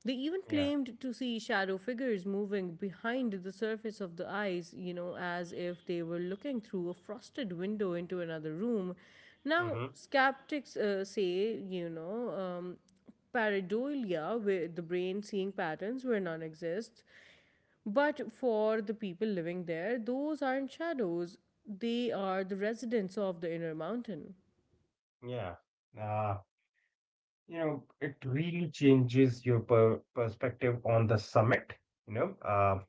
They even Yeah. claimed to see shadow figures moving behind the surface of the ice, you know, as if they were looking through a frosted window into another room. Now, Mm-hmm. skeptics uh, say, you know, um, pareidolia, where the brain seeing patterns where none exists, but for the people living there, those aren't shadows, they are the residents of the inner mountain. Yeah. Uh, you know, it really changes your per- perspective on the summit. You know, uh,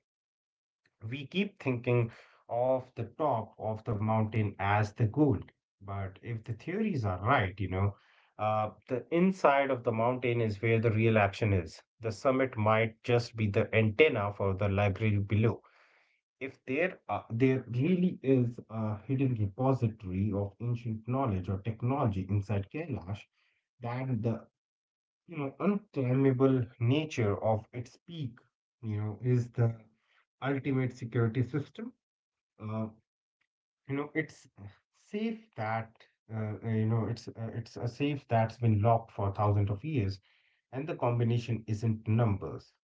We keep thinking of the top of the mountain as the goal, but if the theories are right, you know, uh, the inside of the mountain is where the real action is. The summit might just be the antenna for the library below. If there are, there really is a hidden repository of ancient knowledge or technology inside Kailash, then the you know unclimbable nature of its peak, you know, is the ultimate security system. uh, you know it's safe that uh, uh, you know it's uh, it's a safe that's been locked for thousands of years, and the combination isn't numbers.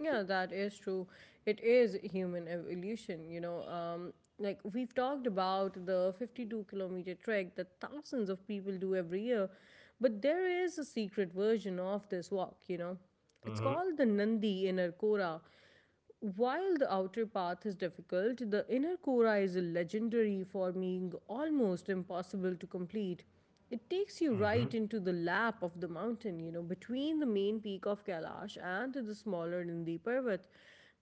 Yeah, that is true. It is human evolution, you know. Um, like we've talked about the fifty-two kilometer trek that thousands of people do every year, but there is a secret version of this walk, you know. It's Hmm. called the Nandi in Arcora, while the outer path is difficult, the inner kora is legendary for being almost impossible to complete. It takes you right Hmm. into the lap of the mountain, you know, between the main peak of Kailash and the smaller Nandi Parvat.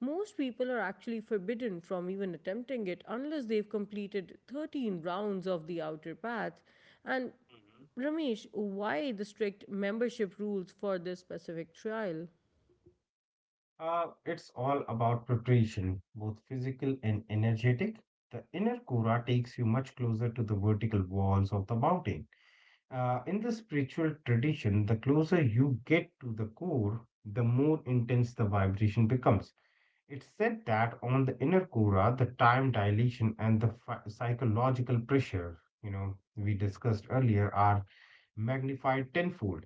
Most people are actually forbidden from even attempting it unless they've completed thirteen rounds of the outer path. And Hmm. Ramesh, why the strict membership rules for this specific trial? Uh, it's all about preparation, both physical and energetic. The inner kura takes you much closer to the vertical walls of the mountain. Uh, in the spiritual tradition, the closer you get to the core, the more intense the vibration becomes. It's said that on the inner cora, the time dilation and the phy- psychological pressure, you know, we discussed earlier, are magnified tenfold.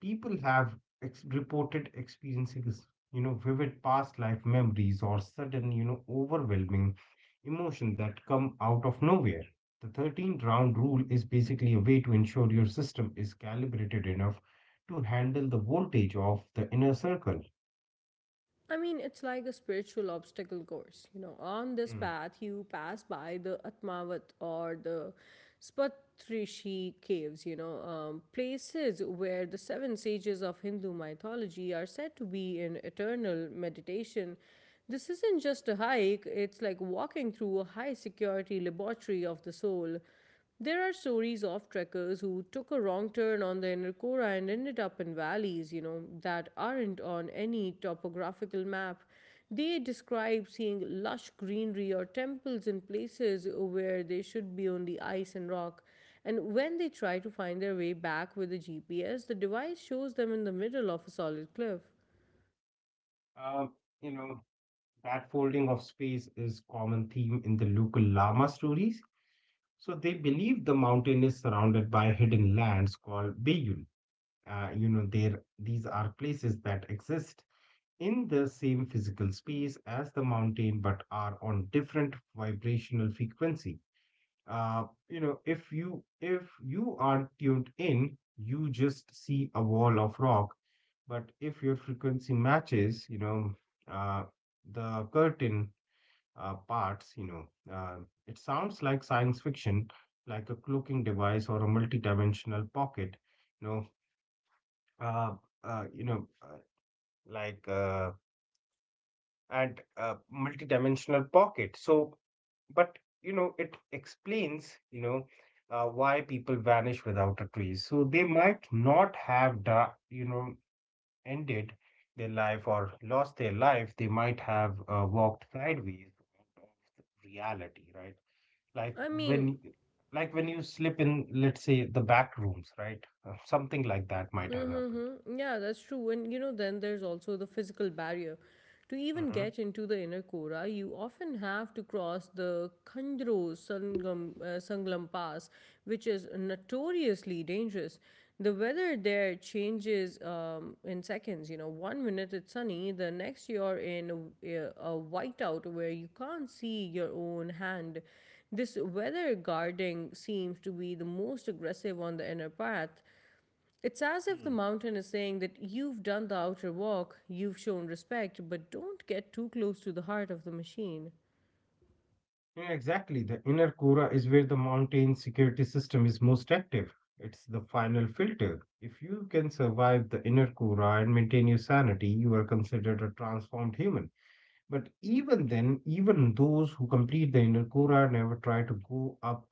People have ex- reported experiences, you know, vivid past life memories or sudden, you know, overwhelming emotion that come out of nowhere. The thirteen round rule is basically a way to ensure your system is calibrated enough to handle the voltage of the inner circle. I mean, it's like a spiritual obstacle course. You know, on this Hmm. path, you pass by the Atmavat or the Spatrishi caves, you know, um, places where the seven sages of Hindu mythology are said to be in eternal meditation. This isn't just a hike, it's like walking through a high security laboratory of the soul. There are stories of trekkers who took a wrong turn on the inner Kora and ended up in valleys, you know, that aren't on any topographical map. They describe seeing lush greenery or temples in places where they should be only ice and rock. And when they try to find their way back with the G P S, the device shows them in the middle of a solid cliff. Um, you know, That folding of space is common theme in the local Lama stories. So they believe the mountain is surrounded by hidden lands called Beyul. Uh, you know, there these are places that exist in the same physical space as the mountain, but are on different vibrational frequency. Uh, you know, if you if you aren't tuned in, you just see a wall of rock. But if your frequency matches, you know, uh, the curtain uh, parts, you know. Uh, it sounds like science fiction, like a cloaking device or a multi-dimensional pocket, you know. Uh, uh, you know, uh, like uh, and uh, Multi-dimensional pocket. So, but you know, it explains, you know, uh, why people vanish without a trace. So they might not have, da- you know, ended their life or lost their life. They might have uh, walked sideways out of reality, right? like I mean, when like when you slip in, let's say, the back rooms, right? Uh, something like that might have happened. mm-hmm. Yeah, that's true. And you know, then there's also the physical barrier. To even Hmm. get into the inner Kora, you often have to cross the Khandro Sangam, uh, Sanglam Pass, which is notoriously dangerous. The weather there changes um, in seconds. You know, one minute it's sunny, the next you're in a, a whiteout where you can't see your own hand. This weather guarding seems to be the most aggressive on the inner path. It's as if the Hmm. mountain is saying that you've done the outer walk, you've shown respect, but don't get too close to the heart of the machine. Yeah, exactly, the inner kura is where the mountain security system is most active. It's the final filter. If you can survive the inner kura and maintain your sanity, you are considered a transformed human. But even then, even those who complete the inner Kora never try to go up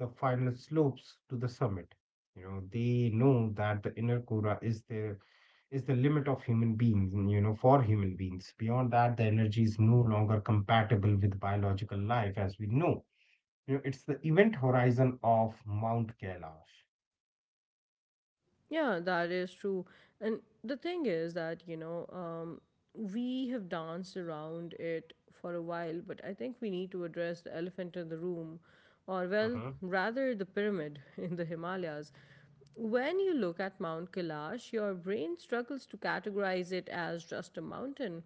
the final slopes to the summit. You know, they know that the inner Kora is their is the limit of human beings, you know, for human beings. Beyond that, the energy is no longer compatible with biological life as we know. You know, it's the event horizon of Mount Kailash. Yeah, that is true. And the thing is that, you know, um, we have danced around it for a while, but I think we need to address the elephant in the room, or, well, rather the pyramid in the Himalayas. When you look at Mount Kailash, your brain struggles to categorize it as just a mountain.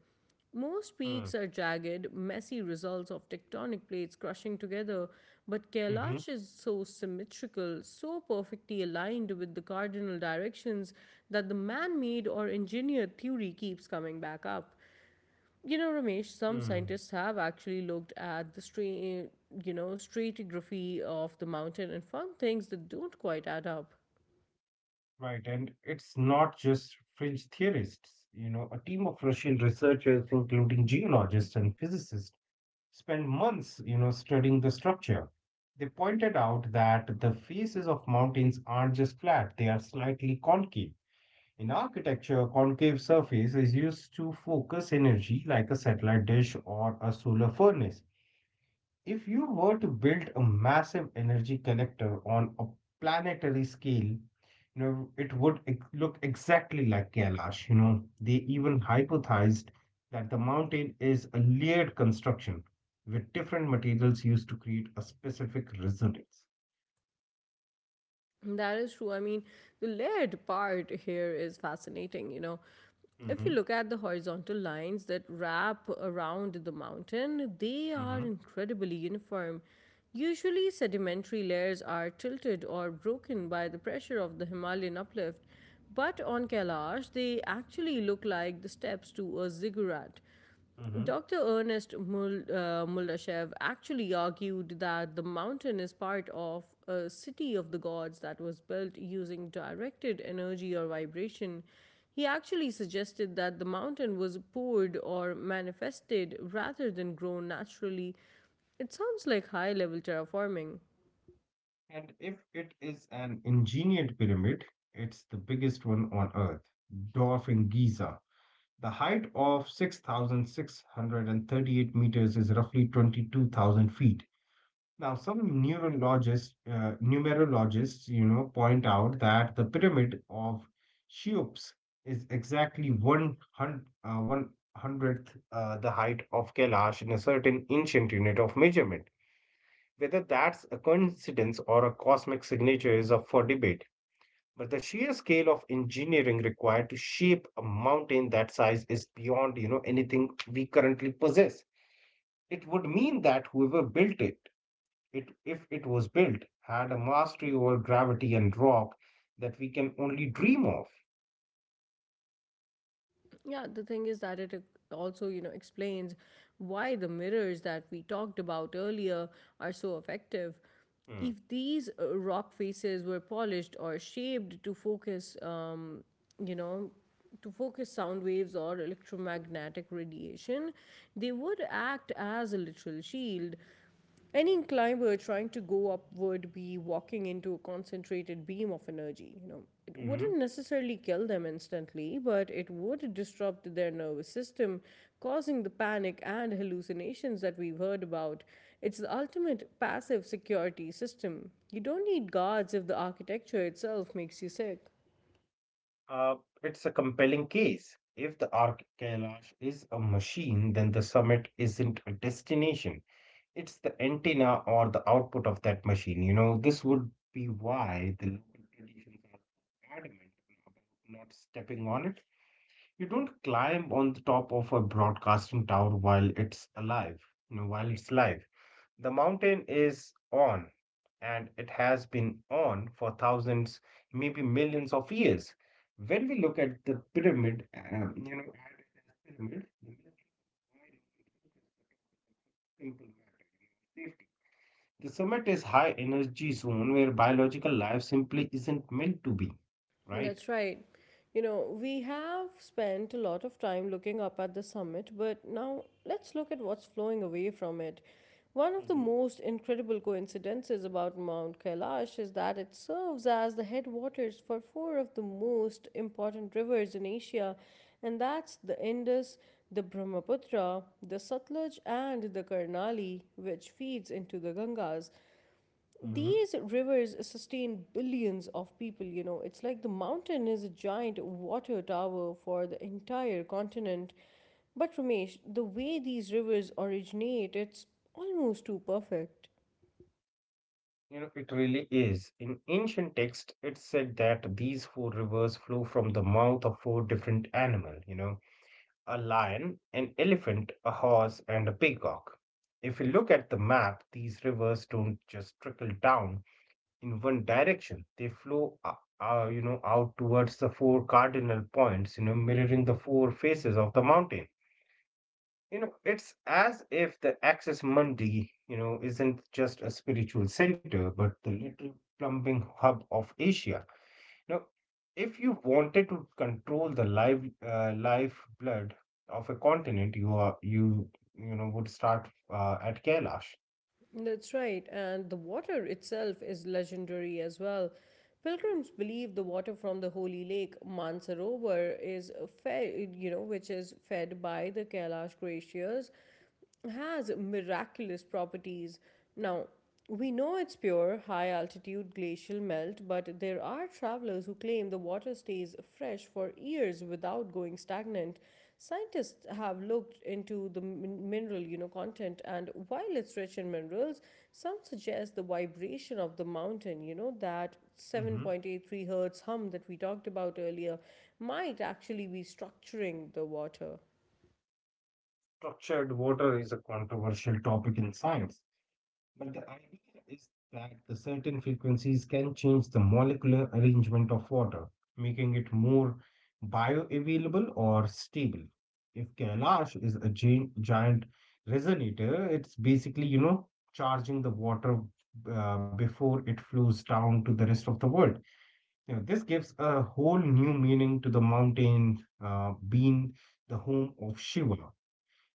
Most Mm-hmm. peaks are jagged, messy results of tectonic plates crushing together, but Kailash is so symmetrical, so perfectly aligned with the cardinal directions that the man made or engineered theory keeps coming back up. You know, Ramesh, some Mm-hmm. scientists have actually looked at the stra- you know stratigraphy of the mountain and found things that don't quite add up. Right, and it's not just fringe theorists. You know, a team of Russian researchers, including geologists and physicists, spent months, you know, studying the structure. They pointed out that the faces of mountains aren't just flat, they are slightly concave. In architecture, a concave surface is used to focus energy like a satellite dish or a solar furnace. If you were to build a massive energy collector on a planetary scale, you know, it would ex- look exactly like Kailash. You know, they even hypothesized that the mountain is a layered construction with different materials used to create a specific resonance. That is true. I mean, the layered part here is fascinating. You know, if Hmm. you look at the horizontal lines that wrap around the mountain, they are Hmm. incredibly uniform. Usually, sedimentary layers are tilted or broken by the pressure of the Himalayan uplift, but on Kailash, they actually look like the steps to a ziggurat. Hmm. Doctor Ernest Mul- uh, Muldashev actually argued that the mountain is part of a city of the gods that was built using directed energy or vibration. He actually suggested that the mountain was poured or manifested rather than grown naturally. It sounds like high level terraforming. And if it is an engineered pyramid, it's the biggest one on Earth, dwarfing Giza. The height of six thousand six hundred thirty-eight meters is roughly twenty-two thousand feet. Now, some neurologists, uh, numerologists, you know, point out that the pyramid of Cheops is exactly one hundred uh, one hundredth uh, the height of Kailash in a certain ancient unit of measurement. Whether that's a coincidence or a cosmic signature is up for debate. But the sheer scale of engineering required to shape a mountain that size is beyond, you know, anything we currently possess. It would mean that whoever built it, it if it was built, had a mastery over gravity and rock that we can only dream of. Yeah, the thing is that it also, you know, explains why the mirrors that we talked about earlier are so effective. Hmm. If these uh, rock faces were polished or shaped to focus, um, you know, to focus sound waves or electromagnetic radiation, they would act as a literal shield. Any climber trying to go up would be walking into a concentrated beam of energy. You know, it Mhm. wouldn't necessarily kill them instantly, but it would disrupt their nervous system, causing the panic and hallucinations that we've heard about. It's the ultimate passive security system. You don't need guards if the architecture itself makes you sick. Uh, it's a compelling case. If the Arc Kailash is a machine, then the summit isn't a destination. It's the antenna or the output of that machine. You know, this would be why the local traditions are so adamant about not stepping on it. You don't climb on the top of a broadcasting tower while it's alive, you know, while it's live. The mountain is on, and it has been on for thousands, maybe millions of years. When we look at the pyramid, um, you know, at it pyramid, the simple matter. you know, Safety, the summit is high energy zone where biological life simply isn't meant to be, right? That's right. You know, we have spent a lot of time looking up at the summit, but now let's look at what's flowing away from it. One of the Hmm. most incredible coincidences about Mount Kailash is that it serves as the headwaters for four of the most important rivers in Asia, and that's the Indus, the Brahmaputra, the Satluj, and the Karnali, which feeds into the Gangas. Hmm. These rivers sustain billions of people, you know. It's like the mountain is a giant water tower for the entire continent. But Ramesh, the way these rivers originate, it's almost too perfect. You know, it really is. In ancient text, it said that these four rivers flow from the mouth of four different animals, you know, a lion, an elephant, a horse, and a peacock. If you look at the map, these rivers don't just trickle down in one direction. They flow, uh, uh, you know, out towards the four cardinal points, you know, mirroring the four faces of the mountain. You know, it's as if the Access Mundi, you know, isn't just a spiritual center, but the little plumbing hub of Asia. Now, if you wanted to control the live uh, life blood of a continent, you are you you know would start uh, at Kailash. That's right, and the water itself is legendary as well. Pilgrims believe the water from the holy lake Mansarovar is fed, you know, which is fed by the Kailash glaciers has miraculous properties. Now, we know it's pure, high altitude glacial melt, but there are travelers who claim the water stays fresh for years without going stagnant. Scientists have looked into the min- mineral, you know, content, and while it's rich in minerals, some suggest the vibration of the mountain, you know, that Hmm. seven point eight three hertz hum that we talked about earlier, might actually be structuring the water. Structured water is a controversial topic in science. But the idea is that the certain frequencies can change the molecular arrangement of water, making it more bioavailable or stable. If Kailash is a gi- giant resonator, it's basically, you know, charging the water uh, before it flows down to the rest of the world. You know, this gives a whole new meaning to the mountain uh, being the home of Shiva.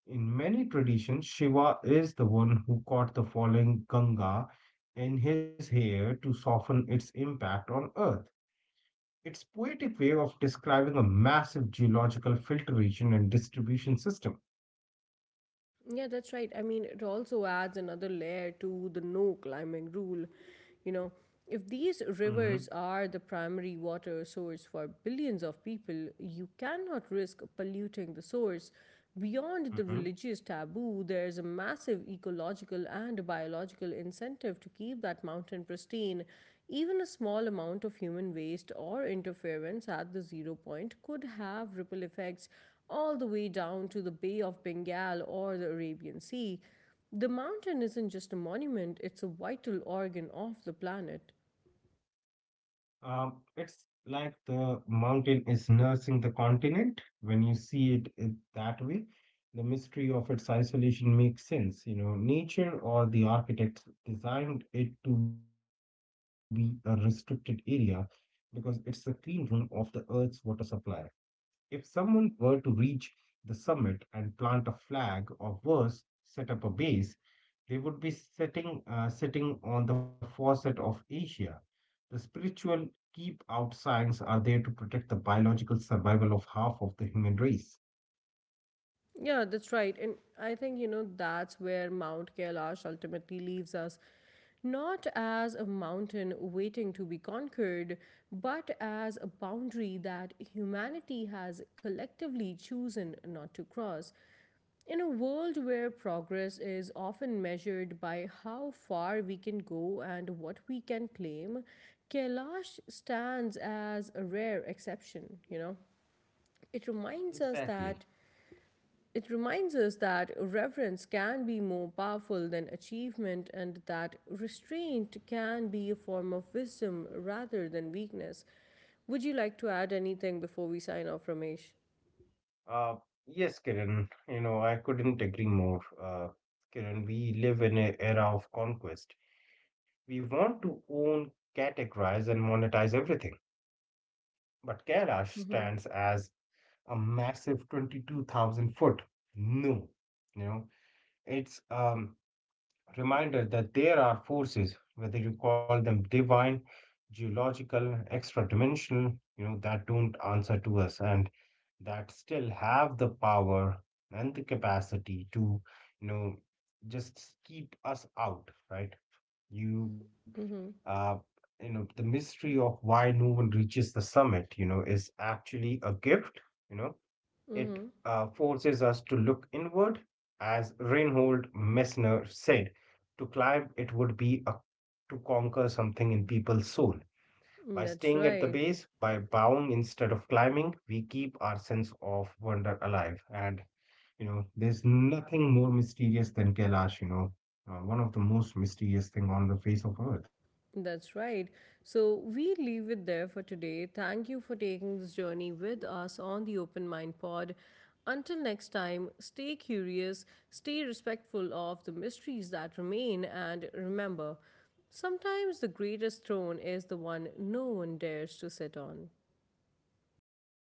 In many traditions, Shiva is the one who caught the falling Ganga in his hair to soften its impact on Earth. It's poetic way of describing a massive geological filtration and distribution system. Yeah, that's right. I mean, it also adds another layer to the no climbing rule. You know, if these Mhm. rivers are the primary water source for billions of people, you cannot risk polluting the source. Beyond the Mhm. religious taboo, there is a massive ecological and biological incentive to keep that mountain pristine. Even a small amount of human waste or interference at the zero point could have ripple effects all the way down to the Bay of Bengal or the Arabian Sea, the mountain isn't just a monument, it's a vital organ of the planet. Um, it's like the mountain is nursing the continent. When you see it, it that way, the mystery of its isolation makes sense. You know, nature or the architects designed it to be a restricted area because it's a clean room of the Earth's water supply. If someone were to reach the summit and plant a flag or worse, set up a base, they would be sitting, uh, sitting on the faucet of Asia. The spiritual keep out signs are there to protect the biological survival of half of the human race. Yeah, that's right. And I think, you know, that's where Mount Kailash ultimately leaves us. Not as a mountain waiting to be conquered, but as a boundary that humanity has collectively chosen not to cross. In a world where progress is often measured by how far we can go and what we can claim, Kailash stands as a rare exception, you know. It reminds us Exactly. that it reminds us that reverence can be more powerful than achievement and that restraint can be a form of wisdom rather than weakness. Would you like to add anything before we sign off, Ramesh? Uh, yes, Kiran, you know, I couldn't agree more. Uh, Kiran, we live in an era of conquest. We want to own, categorize, and monetize everything. But Kailash Mm-hmm. stands as a massive twenty-two thousand foot. No, you know, it's, um, reminder that there are forces, whether you call them divine, geological, extra dimensional, you know, that don't answer to us and that still have the power and the capacity to, you know, just keep us out, right? You, Mm-hmm. uh, you know, the mystery of why no one reaches the summit, you know, is actually a gift, you know, it Mm-hmm. uh, forces us to look inward. As Reinhold Messner said, to climb it would be a, to conquer something in people's soul. Mm, By that's staying at the right. base, by bowing instead of climbing, we keep our sense of wonder alive. And, you know, there's nothing more mysterious than Kailash, you know, uh, one of the most mysterious thing on the face of earth. That's right. So we leave it there for today. Thank you for taking this journey with us on the Open Mind Pod. Until next time, stay curious, stay respectful of the mysteries that remain, and remember sometimes the greatest throne is the one no one dares to sit on. Thank you.